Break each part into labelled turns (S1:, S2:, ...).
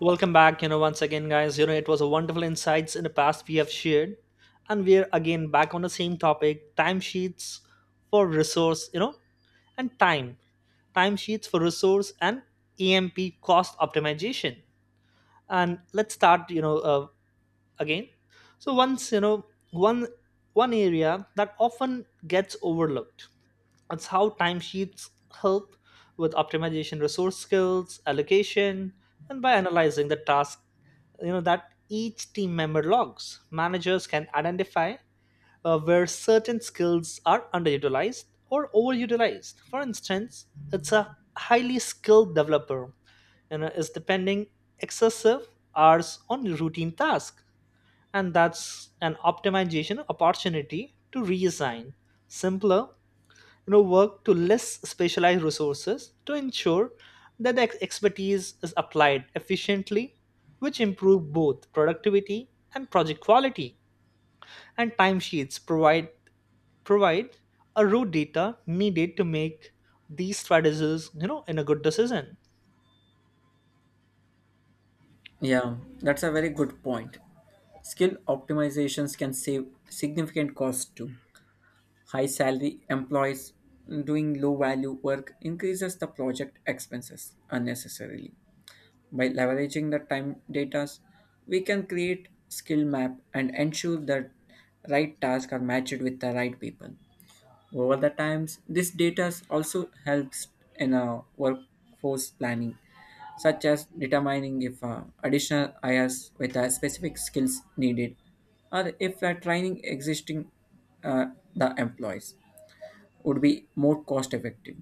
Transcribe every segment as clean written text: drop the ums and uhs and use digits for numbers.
S1: Welcome back, once again, guys. It was a wonderful insights in the past we have shared, and we're again back on the same topic: timesheets for resource, and timesheets for resource and EMP cost optimization. And let's start, again. So once you know one one area that often gets overlooked, it's how timesheets help with optimization, resource skills, allocation, and by analyzing the task, you know that each team member logs. Managers can identify where certain skills are underutilized or overutilized. For instance, it's a highly skilled developer, is depending excessive hours on routine tasks, and that's an optimization opportunity to reassign simpler work to less specialized resources to ensure that the expertise is applied efficiently, which improve both productivity and project quality. And timesheets provide a root data needed to make these strategies in a good decision.
S2: Yeah, that's a very good point. Skill optimizations can save significant costs too. High salary employees doing low value work increases the project expenses unnecessarily. By leveraging the time data, we can create skill map and ensure that right tasks are matched with the right people. Over the times, this data also helps in a workforce planning, such as determining if additional hires with specific skills needed, or if training existing uh, the employees would be more cost effective.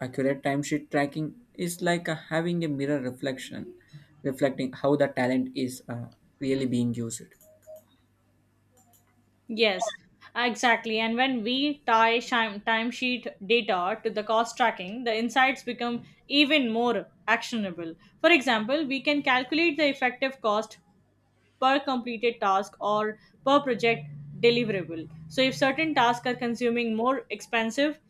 S2: Accurate timesheet tracking is like having a mirror reflection, reflecting how the talent is really being used.
S3: Yes, exactly. And when we tie timesheet data to the cost tracking, the insights become even more actionable. For example, we can calculate the effective cost per completed task or per project deliverable. So, if certain tasks are consuming more expensive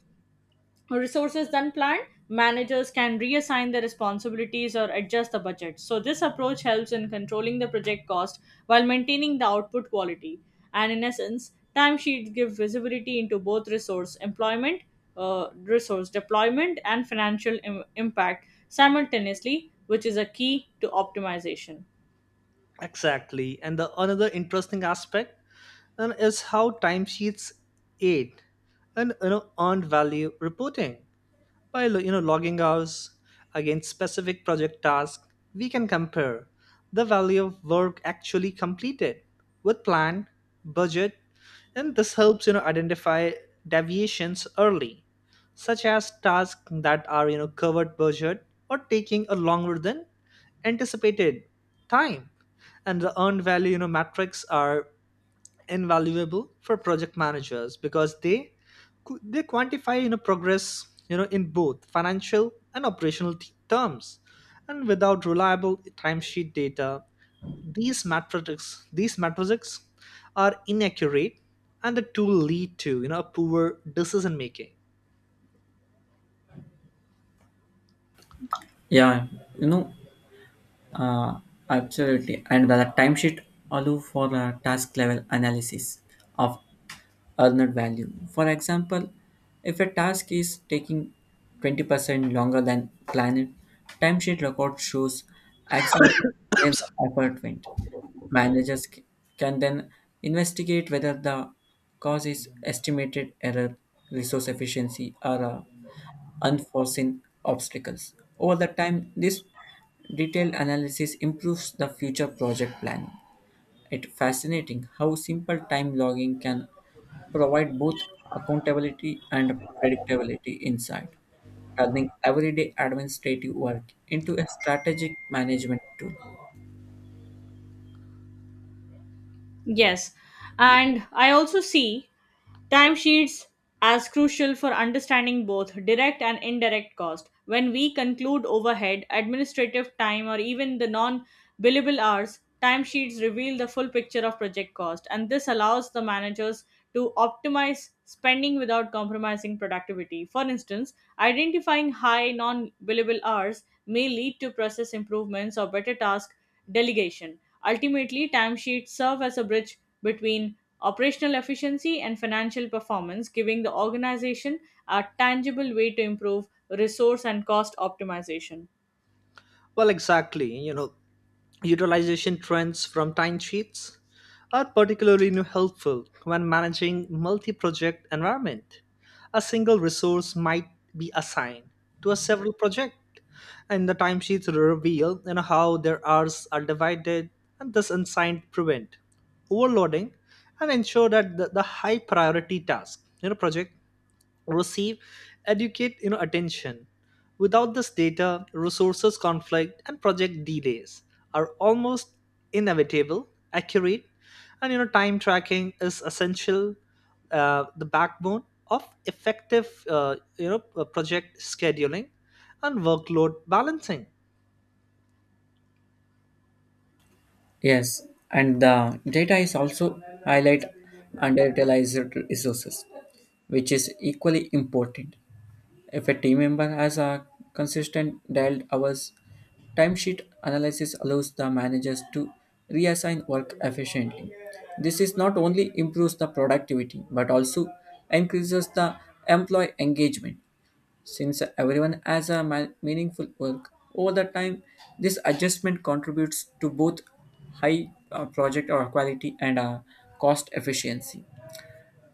S3: resources than planned, managers can reassign the responsibilities or adjust the budget. So, this approach helps in controlling the project cost while maintaining the output quality. And in essence, timesheets give visibility into both resource employment, resource deployment, and financial impact simultaneously, which is a key to optimization.
S1: Exactly, and the another interesting aspect and is how timesheets aid and, earned value reporting. By logging hours against specific project tasks, we can compare the value of work actually completed with plan, budget, and this helps identify deviations early, such as tasks that are covered budget or taking a longer than anticipated time. And the earned value metrics are invaluable for project managers because they quantify progress, in both financial and operational terms. And without reliable timesheet data, these metrics are inaccurate, and the tool lead to poor decision making.
S2: Yeah, you know, Uh, absolutely. And the timesheet allow for a task level analysis of earned value. For example, if a task is taking 20% longer than planned, timesheet record shows exactly where the effort went. Managers c- can then investigate whether the cause is estimated error, resource efficiency, or unforeseen obstacles. Over the time, this detailed analysis improves the future project planning. It's fascinating how simple time logging can provide both accountability and predictability insight, turning everyday administrative work into a strategic management tool.
S3: Yes. And I also see timesheets as crucial for understanding both direct and indirect cost. When we conclude overhead, administrative time, or even the non billable hours, timesheets reveal the full picture of project cost, and this allows the managers to optimize spending without compromising productivity. For instance, identifying high non billable hours may lead to process improvements or better task delegation. Ultimately, timesheets serve as a bridge between operational efficiency, and financial performance, giving the organization a tangible way to improve resource and cost optimization.
S1: Well exactly, utilization trends from timesheets are particularly helpful when managing multi-project environment. A single resource might be assigned to a several project, and the timesheets reveal, you know, how their hours are divided, and thus assigned prevent overloading and ensure that the high priority task, project receive educate attention. Without this data, resources conflict and project delays are almost inevitable. Accurate and, time tracking is essential, the backbone of effective, project scheduling and workload balancing.
S2: Yes, and the data is also highlight underutilized resources, which is equally important. If a team member has a consistent dialed hours. Timesheet analysis allows the managers to reassign work efficiently. This is not only improves the productivity but also increases the employee engagement. Since everyone has a meaningful work over the time, this adjustment contributes to both high project or quality and cost efficiency.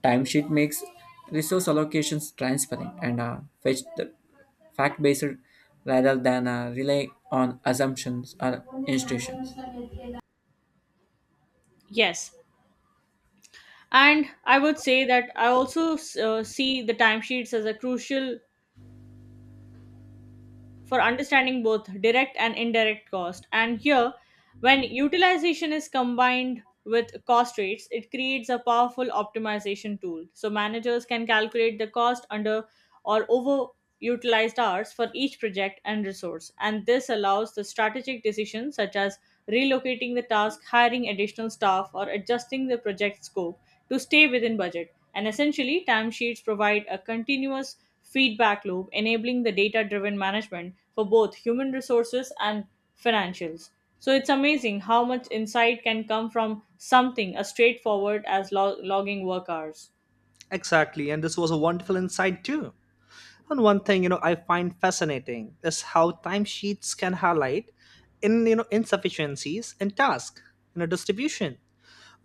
S2: Timesheet makes resource allocations transparent and fetch the fact based rather than rely on assumptions or institutions.
S3: Yes. And I would say that I also see the timesheets as a crucial for understanding both direct and indirect cost. And here, when utilization is combined with cost rates, it creates a powerful optimization tool. So managers can calculate the cost under or overutilized hours for each project and resource. And this allows the strategic decisions such as relocating the task, hiring additional staff, or adjusting the project scope to stay within budget. And essentially, timesheets provide a continuous feedback loop, enabling the data driven management for both human resources and financials. So it's amazing how much insight can come from something as straightforward as logging work hours.
S1: Exactly, and this was a wonderful insight too. And one thing, I find fascinating is how timesheets can highlight in, insufficiencies in task, distribution.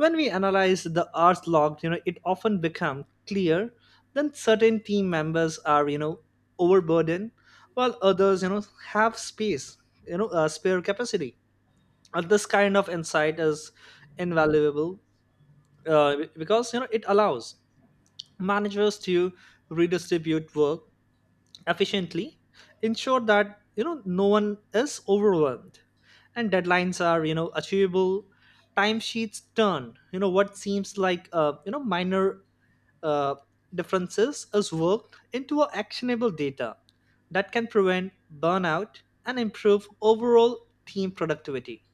S1: When we analyze the hours logged, you know it often becomes clear that certain team members are, overburdened, while others, have space, spare capacity. And this kind of insight is invaluable, because it allows managers to redistribute work efficiently, ensure that, no one is overwhelmed and deadlines are, achievable. Timesheets turn, what seems like, minor uh, differences is worked into a actionable data that can prevent burnout and improve overall team productivity.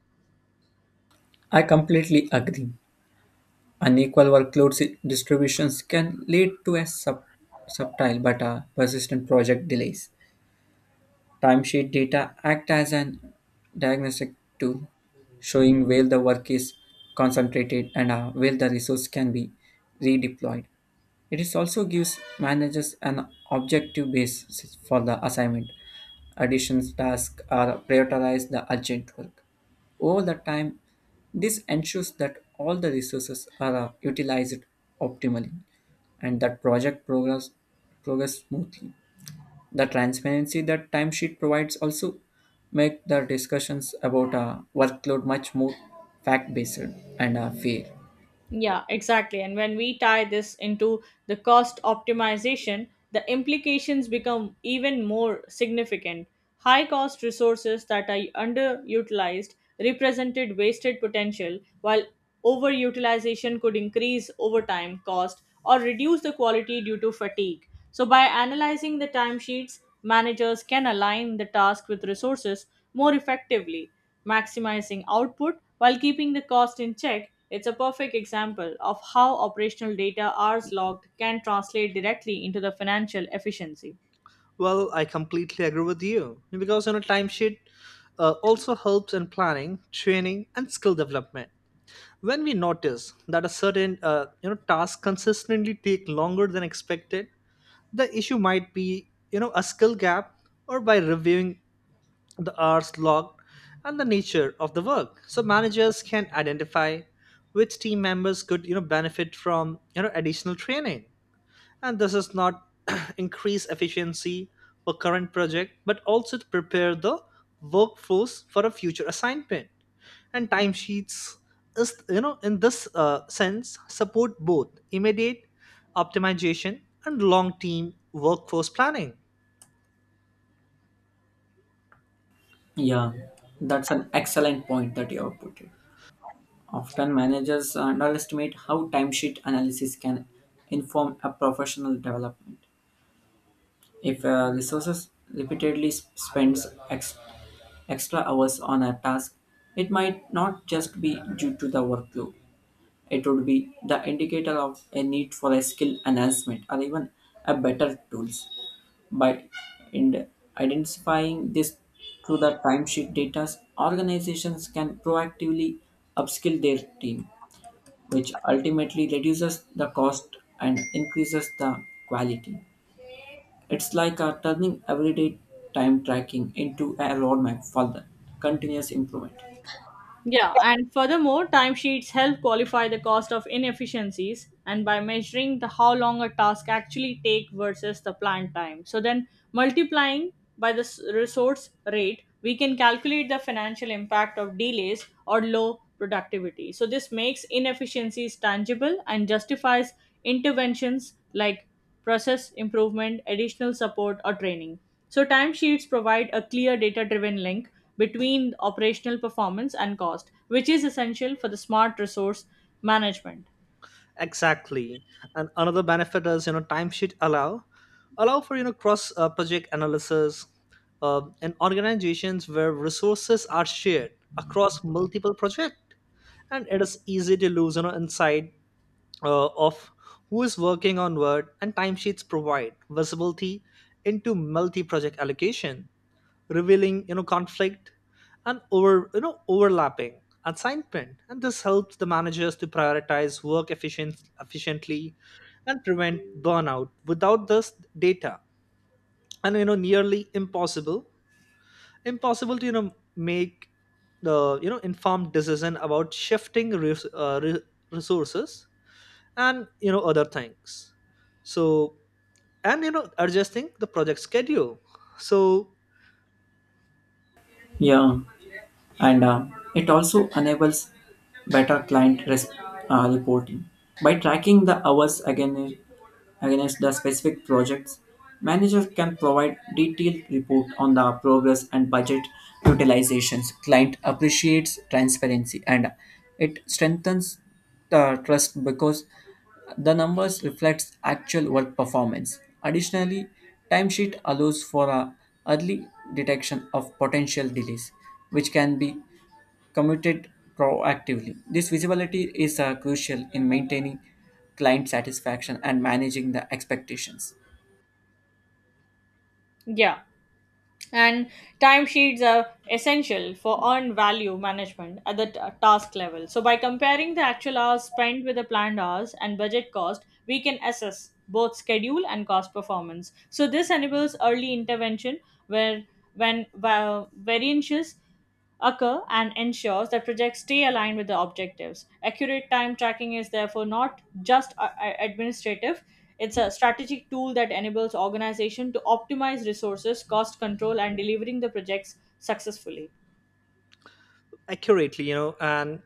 S2: I completely agree. Unequal distributions can lead to a subtle but persistent project delays. Timesheet data act as an diagnostic tool, showing where the work is concentrated and where the resource can be redeployed. It is also gives managers an objective basis for the assignment. Additions tasks are prioritized the urgent work. Over the time, this ensures that all the resources are utilized optimally and that project progress smoothly. The transparency that timesheet provides also make the discussions about workload much more fact-based and fair.
S3: Yeah, exactly. And when we tie this into the cost optimization, the implications become even more significant. High cost resources that are underutilized represented wasted potential, while overutilization could increase overtime cost or reduce the quality due to fatigue. So, by analyzing the timesheets, managers can align the task with resources more effectively maximizing output while keeping the cost in check. It's a perfect example of how operational data hours logged can translate directly into the financial efficiency.
S1: Well, I completely agree with you because, timesheet, also helps in planning training and skill development. When we notice that a certain, task consistently take longer than expected, the issue might be, a skill gap, or by reviewing the hours logged and the nature of the work, so managers can identify which team members could, benefit from, additional training. And this is not increase efficiency for current project, but also to prepare the workforce for a future assignment. And timesheets is, in this, sense support both immediate optimization and long term workforce planning.
S2: Yeah, that's an excellent point that you have put it. Often managers underestimate how timesheet analysis can inform a professional development. If resources repeatedly spends extra hours on a task, it might not just be due to the workload. It would be the indicator of a need for a skill enhancement or even a better tools. By ind- identifying this through the timesheet data, organizations can proactively upskill their team, which ultimately reduces the cost and increases the quality. It's like turning everyday time tracking into a roadmap for the continuous improvement.
S3: Yeah, and furthermore, timesheets help qualify the cost of inefficiencies and by measuring the how long a task actually take versus the planned time. So then multiplying by the resource rate, we can calculate the financial impact of delays or low productivity. So this makes inefficiencies tangible and justifies interventions like process improvement, additional support, or training. So, timesheets provide a clear data driven link between operational performance and cost, which is essential for the smart resource management.
S1: Exactly, and another benefit is, timesheet allow for, cross, project analysis, in organizations where resources are shared across multiple projects, and it is easy to lose, insight, of who is working on what. And timesheets provide visibility into multi-project allocation, revealing, conflict and over, overlapping assignment. And this helps the managers to prioritize work efficiently and prevent burnout. Without this data, and, nearly impossible to, make the, informed decision about shifting resources and, other things, so, and, adjusting the project schedule, so.
S2: Yeah. And it also enables better reporting by tracking the hours again against the specific projects. Manager can provide detailed report on the progress and budget utilizations. Client appreciates transparency and it strengthens the trust because the numbers reflects actual work performance. Additionally, timesheet allows for a early detection of potential delays, which can be committed proactively. This visibility is crucial in maintaining client satisfaction and managing the expectations.
S3: Yeah. And timesheets are essential for earned value management at the task level. So, by comparing the actual hours spent with the planned hours and budget cost, we can assess both schedule and cost performance. So, this enables early intervention where when variances occur and ensures that projects stay aligned with the objectives. Accurate time tracking is therefore not just administrative, it's a strategic tool that enables organization to optimize resources, cost control and delivering the projects successfully.
S1: Accurately, and,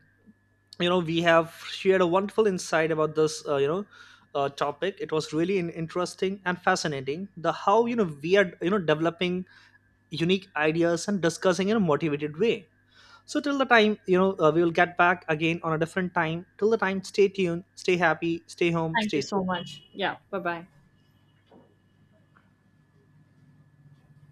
S1: we have shared a wonderful insight about this, topic. It was really interesting and fascinating, the how, we are, developing unique ideas and discussing in a motivated way. So till the time, we will get back again on a different time. Till the time, stay tuned, stay happy, stay home,
S3: Thank
S1: stay
S3: you so
S1: safe.
S3: much. Yeah, bye-bye.